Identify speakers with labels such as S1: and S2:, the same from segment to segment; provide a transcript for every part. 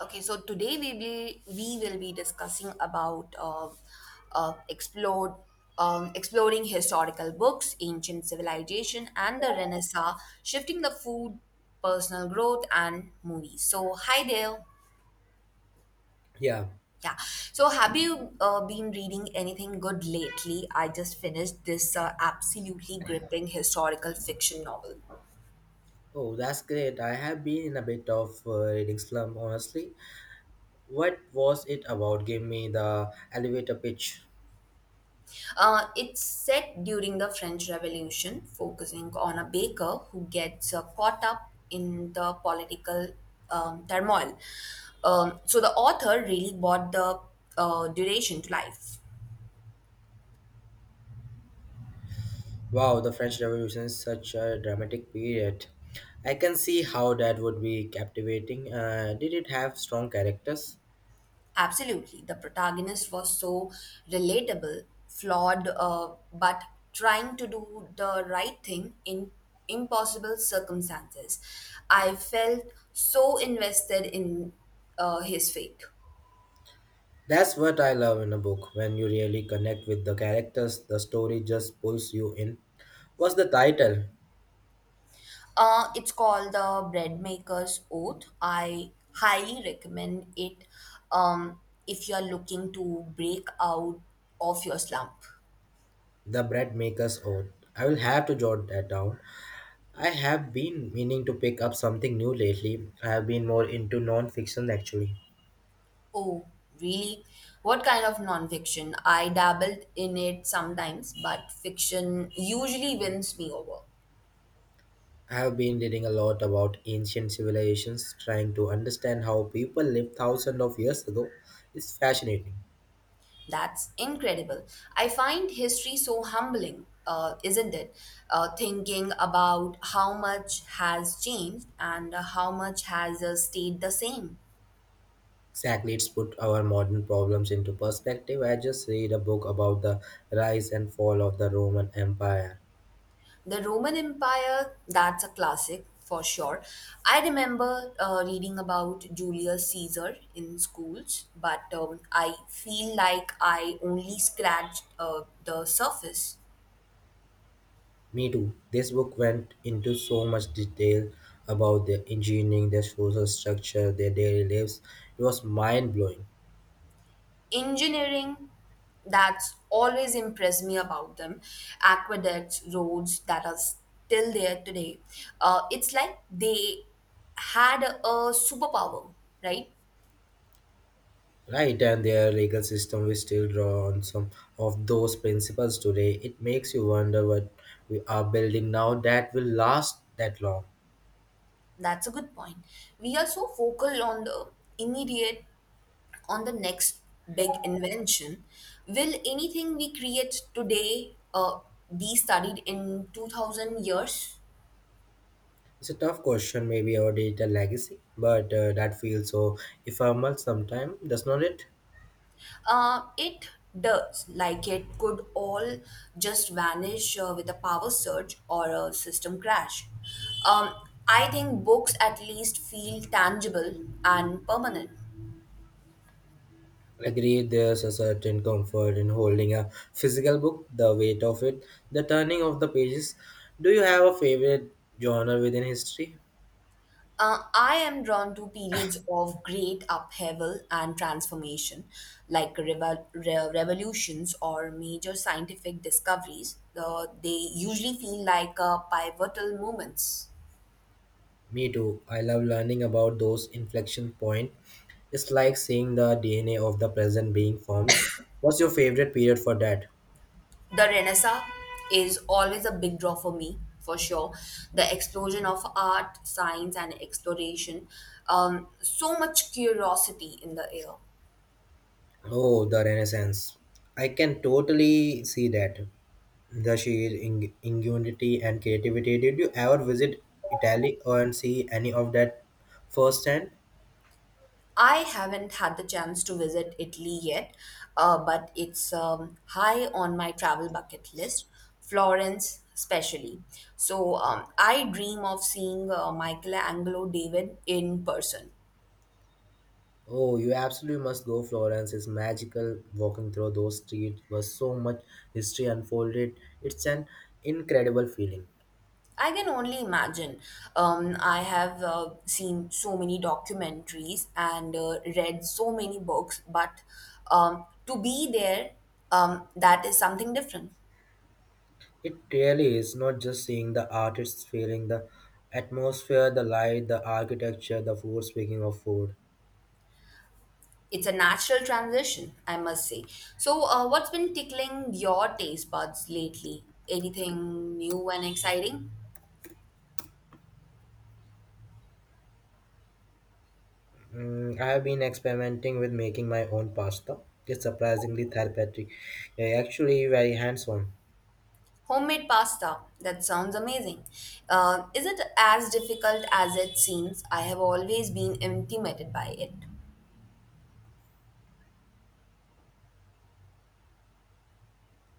S1: Okay, so today we will be discussing about explored exploring historical books, ancient civilization, and the Renaissance, shifting the food, personal growth, and movies. So hi there.
S2: Yeah.
S1: Yeah. So have you been reading anything good lately? I just finished this absolutely gripping historical fiction novel.
S2: Oh, that's great. I have been in a bit of reading slump, honestly. What was it about? Give me the elevator pitch.
S1: It's set during the French Revolution, focusing on a baker who gets caught up in the political turmoil. So the author really brought the duration to life.
S2: Wow, the French Revolution is such a dramatic period. I can see how that would be captivating. Did it have strong characters?
S1: Absolutely. The protagonist was so relatable, flawed, but trying to do the right thing in impossible circumstances. I felt so invested in his fate.
S2: That's what I love in a book. When you really connect with the characters, the story just pulls you in. What's the title?
S1: It's called The Bread Maker's Oath. I highly recommend it um, if you're looking to break out of your slump.
S2: The Bread Maker's Oath. I will have to jot that down. I have been meaning to pick up something new lately. I have been more into non-fiction actually.
S1: Oh, really? What kind of nonfiction? I dabbled in it sometimes, but fiction usually wins me over.
S2: I have been reading a lot about ancient civilizations, trying to understand how people lived thousands of years ago. It's fascinating.
S1: That's incredible. I find history so humbling, isn't it? Thinking about how much has changed and how much has stayed the same.
S2: Exactly, it's put our modern problems into perspective. I just read a book about the rise and fall of the Roman Empire.
S1: The Roman Empire, that's a classic for sure. I remember reading about Julius Caesar in schools, but I feel like I only scratched the surface.
S2: Me too. This book went into so much detail about their engineering, their social structure, their daily lives. It was mind blowing.
S1: Engineering, that's always impressed me about them. Aqueducts, roads that are still there today. It's like they had a superpower, right?
S2: Right, and their legal system we still draw on some of those principles today. It makes you wonder what we are building now that will last that long.
S1: That's a good point. We are so focal on the immediate on the next big invention. Will anything we create today be studied in 2000 years?
S2: It's a tough question, maybe our digital legacy, but that feels so ephemeral sometimes, does not it?
S1: It does, like it could all just vanish with a power surge or a system crash. Um, I think books at least feel tangible and permanent.
S2: Agree, there's a certain comfort in holding a physical book, the weight of it, the turning of the pages. Do you have a favorite genre within history?
S1: I am drawn to periods of great upheaval and transformation, like revolutions or major scientific discoveries. They usually feel like pivotal moments.
S2: Me too. I love learning about those inflection points. It's like seeing the DNA of the present being formed. What's your favorite period for that?
S1: The Renaissance is always a big draw for me, for sure. The explosion of art, science, and exploration. So much curiosity in the air.
S2: Oh, the Renaissance. I can totally see that. The sheer ingenuity and creativity. Did you ever visit Italy and see any of that firsthand?
S1: I haven't had the chance to visit Italy yet, but it's high on my travel bucket list, Florence especially. So I dream of seeing Michelangelo David in person.
S2: Oh, you absolutely must go. Florence is magical. Walking through those streets was so much history unfolded. It's an incredible feeling.
S1: I can only imagine. I have seen so many documentaries and read so many books, but to be there, that is something different.
S2: It really is not just seeing the art, it's feeling the atmosphere, the light, the architecture, the food. Speaking of food,
S1: It's a natural transition, I must say. So, what's been tickling your taste buds lately? Anything new and exciting?
S2: I have been experimenting with making my own pasta. It's surprisingly therapeutic. Yeah, actually, very hands on.
S1: Homemade pasta. That sounds amazing. Is it as difficult as it seems? I have always been intimidated by it.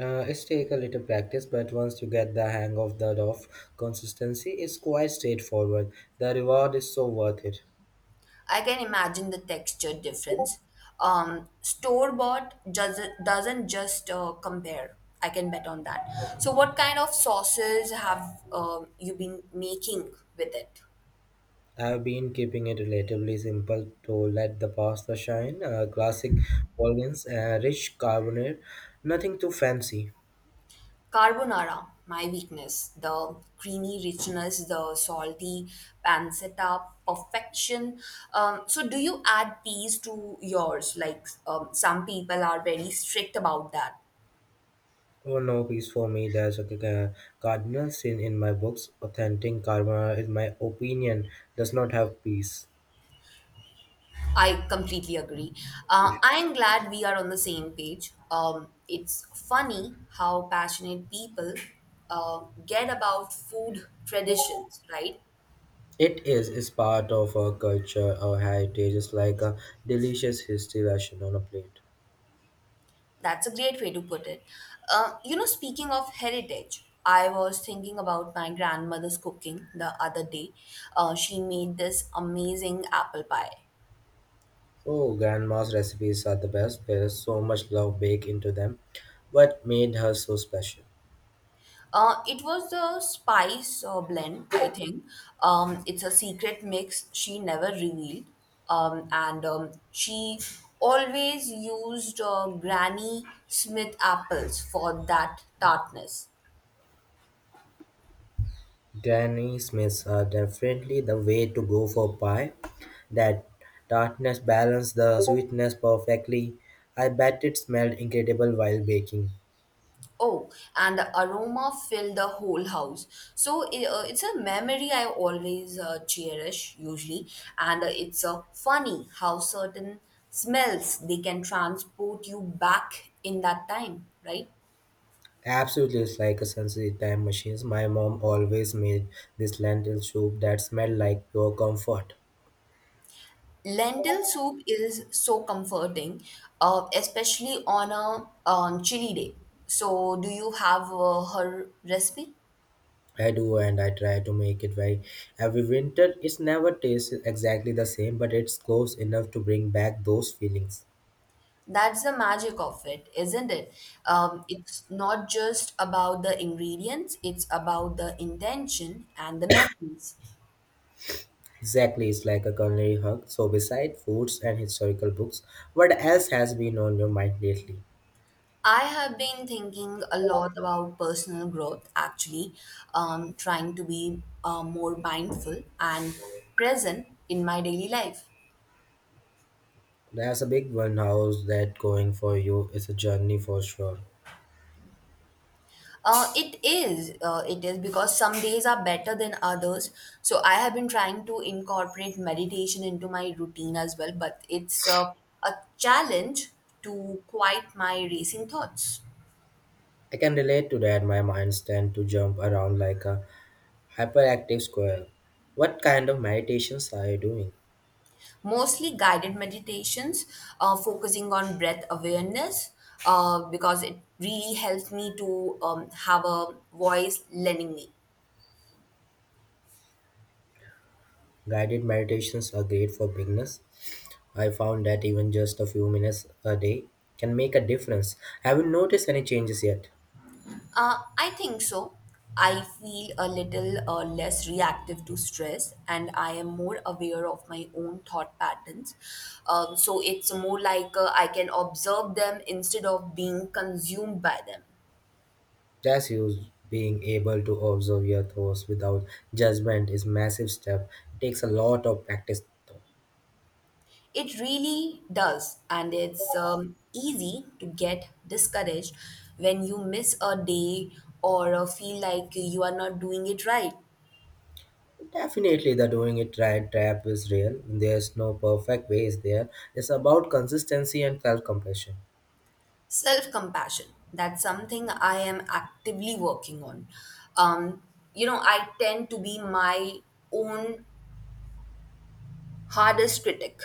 S2: It's take a little practice, but once you get the hang of the rough consistency, it's quite straightforward. The reward is so worth it.
S1: I can imagine the texture difference. Store bought doesn't just compare. I can bet on that. So, what kind of sauces have you been making with it?
S2: I've been keeping it relatively simple to let the pasta shine. Classic Bolognese, rich carbonate, nothing too fancy.
S1: Carbonara, my weakness. The creamy richness, the salty pancetta perfection. So, do you add peas to yours? Like some people are very strict about that.
S2: Oh no, piece for me. There's a uh, cardinal sin in my books. Authentic carbonara, in my opinion, does not have peace.
S1: I completely agree. I'm glad we are on the same page. It's funny how passionate people get about food traditions, right?
S2: It is part of our culture, our heritage. It's like a delicious history ration on a plate.
S1: That's a great way to put it. Speaking of heritage, I was thinking about my grandmother's cooking the other day. She made this amazing apple pie.
S2: Oh, grandma's recipes are the best. There is so much love baked into them. What made her so special?
S1: It was the spice blend, I think. It's a secret mix she never revealed. And she always used Granny Smith apples for that tartness.
S2: Granny Smiths are definitely the way to go for pie. That tartness balanced the sweetness perfectly. I bet it smelled incredible while baking.
S1: Oh, and the aroma filled the whole house. It's a memory I always cherish usually, and it's funny how certain smells they can transport you back in that time, right?
S2: Absolutely, it's like a sensory time machine. My mom always made this lentil soup that smelled like pure comfort.
S1: Lentil soup is so comforting, especially on a chilly day. So, do you have her recipe?
S2: I do, and I try to make it very every winter. It's never tastes exactly the same, but it's close enough to bring back those feelings.
S1: That's the magic of it, isn't it? It's not just about the ingredients, it's about the intention and the memories.
S2: Exactly, it's like a culinary hug. So, beside foods and historical books, what else has been on your mind lately?
S1: I have been thinking a lot about personal growth, actually, trying to be more mindful and present in my daily life.
S2: There's a big one. How's that going for you? It's a journey for sure.
S1: It is. It is because some days are better than others. So I have been trying to incorporate meditation into my routine as well, but it's a challenge to quiet my racing thoughts.
S2: I can relate to that. My mind tend to jump around like a hyperactive squirrel. What kind of meditations are you doing?
S1: Mostly guided meditations, focusing on breath awareness, because it really helps me to have a voice lending me.
S2: Guided meditations are great for beginners. I found that even just a few minutes a day can make a difference. Haven't noticed any changes yet.
S1: I think so. I feel a little less reactive to stress and I am more aware of my own thought patterns. So it's more like I can observe them instead of being consumed by them.
S2: Just Cassius being able to observe your thoughts without judgment is massive step. It takes a lot of practice though.
S1: It really does, and it's easy to get discouraged when you miss a day or feel like you are not doing it right.
S2: Definitely the doing it right trap is real. There's no perfect way. Is there. It's about consistency and self-compassion.
S1: Self compassion. That's something I am actively working on. Um, you know, I tend to be my own hardest critic.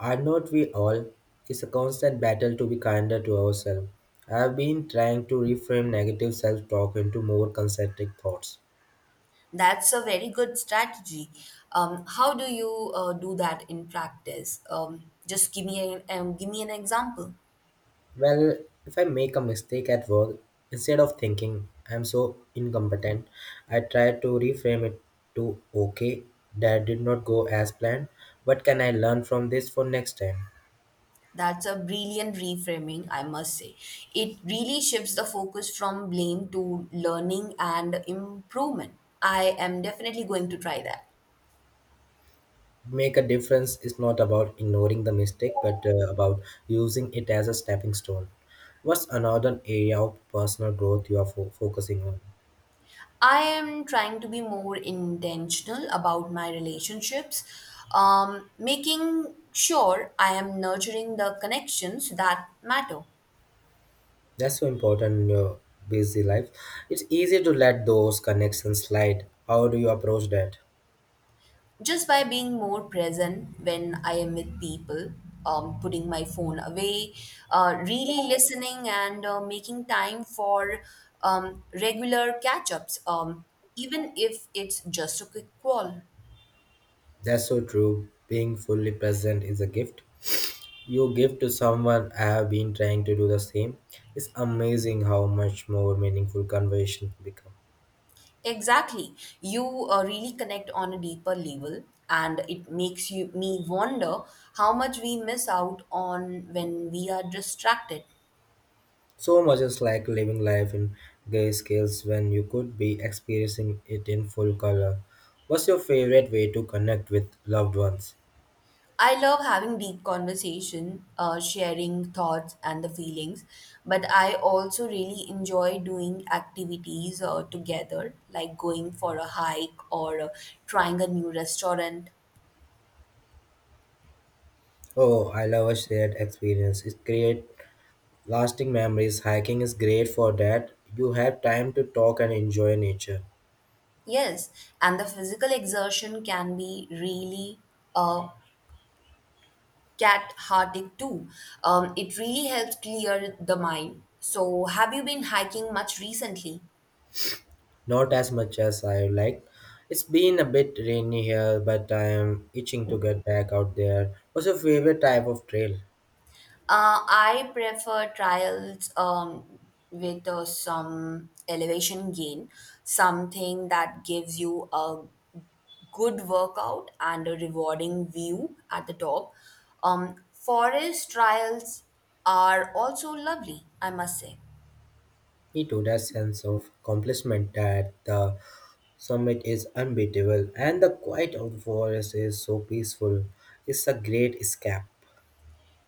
S2: Are not we all? It's a constant battle to be kinder to ourselves. I've been trying to reframe negative self-talk into more constructive thoughts.
S1: That's a very good strategy. How do you do that in practice? Just give me an example.
S2: Well, if I make a mistake at work, instead of thinking I'm so incompetent, I try to reframe it to okay, that did not go as planned. What can I learn from this for next time?
S1: That's a brilliant reframing, I must say. It really shifts the focus from blame to learning and improvement. I am definitely going to try that.
S2: Make a difference is not about ignoring the mistake, but about using it as a stepping stone. What's another area of personal growth you are focusing on?
S1: I am trying to be more intentional about my relationships, making sure I am nurturing the connections that matter.
S2: That's so important in your busy life. It's easy to let those connections slide. How do you approach that?
S1: Just by being more present when I am with people, putting my phone away, really listening, and making time for regular catch ups, even if it's just a quick call.
S2: That's so true. Being fully present is a gift. You give to someone, I have been trying to do the same. It's amazing how much more meaningful conversations become.
S1: Exactly. You really connect on a deeper level, and it makes you me wonder how much we miss out on when we are distracted.
S2: So much is like living life in gray scales when you could be experiencing it in full color. What's your favorite way to connect with loved ones?
S1: I love having deep conversation, sharing thoughts and the feelings, but I also really enjoy doing activities together, like going for a hike or trying a new restaurant.
S2: Oh, I love a shared experience. It creates lasting memories. Hiking is great for that. You have time to talk and enjoy nature.
S1: Yes, and the physical exertion can be really uh, cat harding too. It really helps clear the mind. So, have you been hiking much recently?
S2: Not as much as I liked. It's been a bit rainy here, but I am itching to get back out there. What's your favorite type of trail?
S1: I prefer trials with some elevation gain, something that gives you a good workout and a rewarding view at the top. Forest trials are also lovely, I must say.
S2: Me too, that sense of accomplishment that the summit is unbeatable and the quiet of the forest is so peaceful. It's a great escape.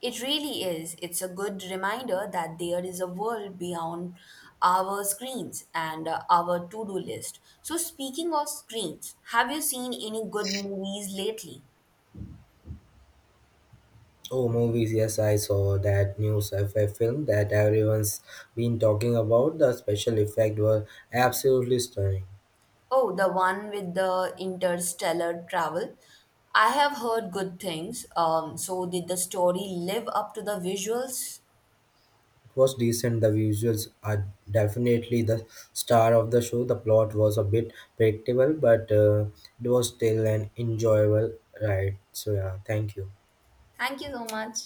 S1: It really is. It's a good reminder that there is a world beyond our screens and our to do list. So, speaking of screens, have you seen any good movies lately?
S2: Oh, movies, yes, I saw that new sci-fi film that everyone's been talking about. The special effects were absolutely stunning.
S1: Oh, the one with the interstellar travel. I have heard good things. So, did the story live up to the visuals?
S2: It was decent. The visuals are definitely the star of the show. The plot was a bit predictable, but it was still an enjoyable ride. So yeah, thank you.
S1: Thank you so much.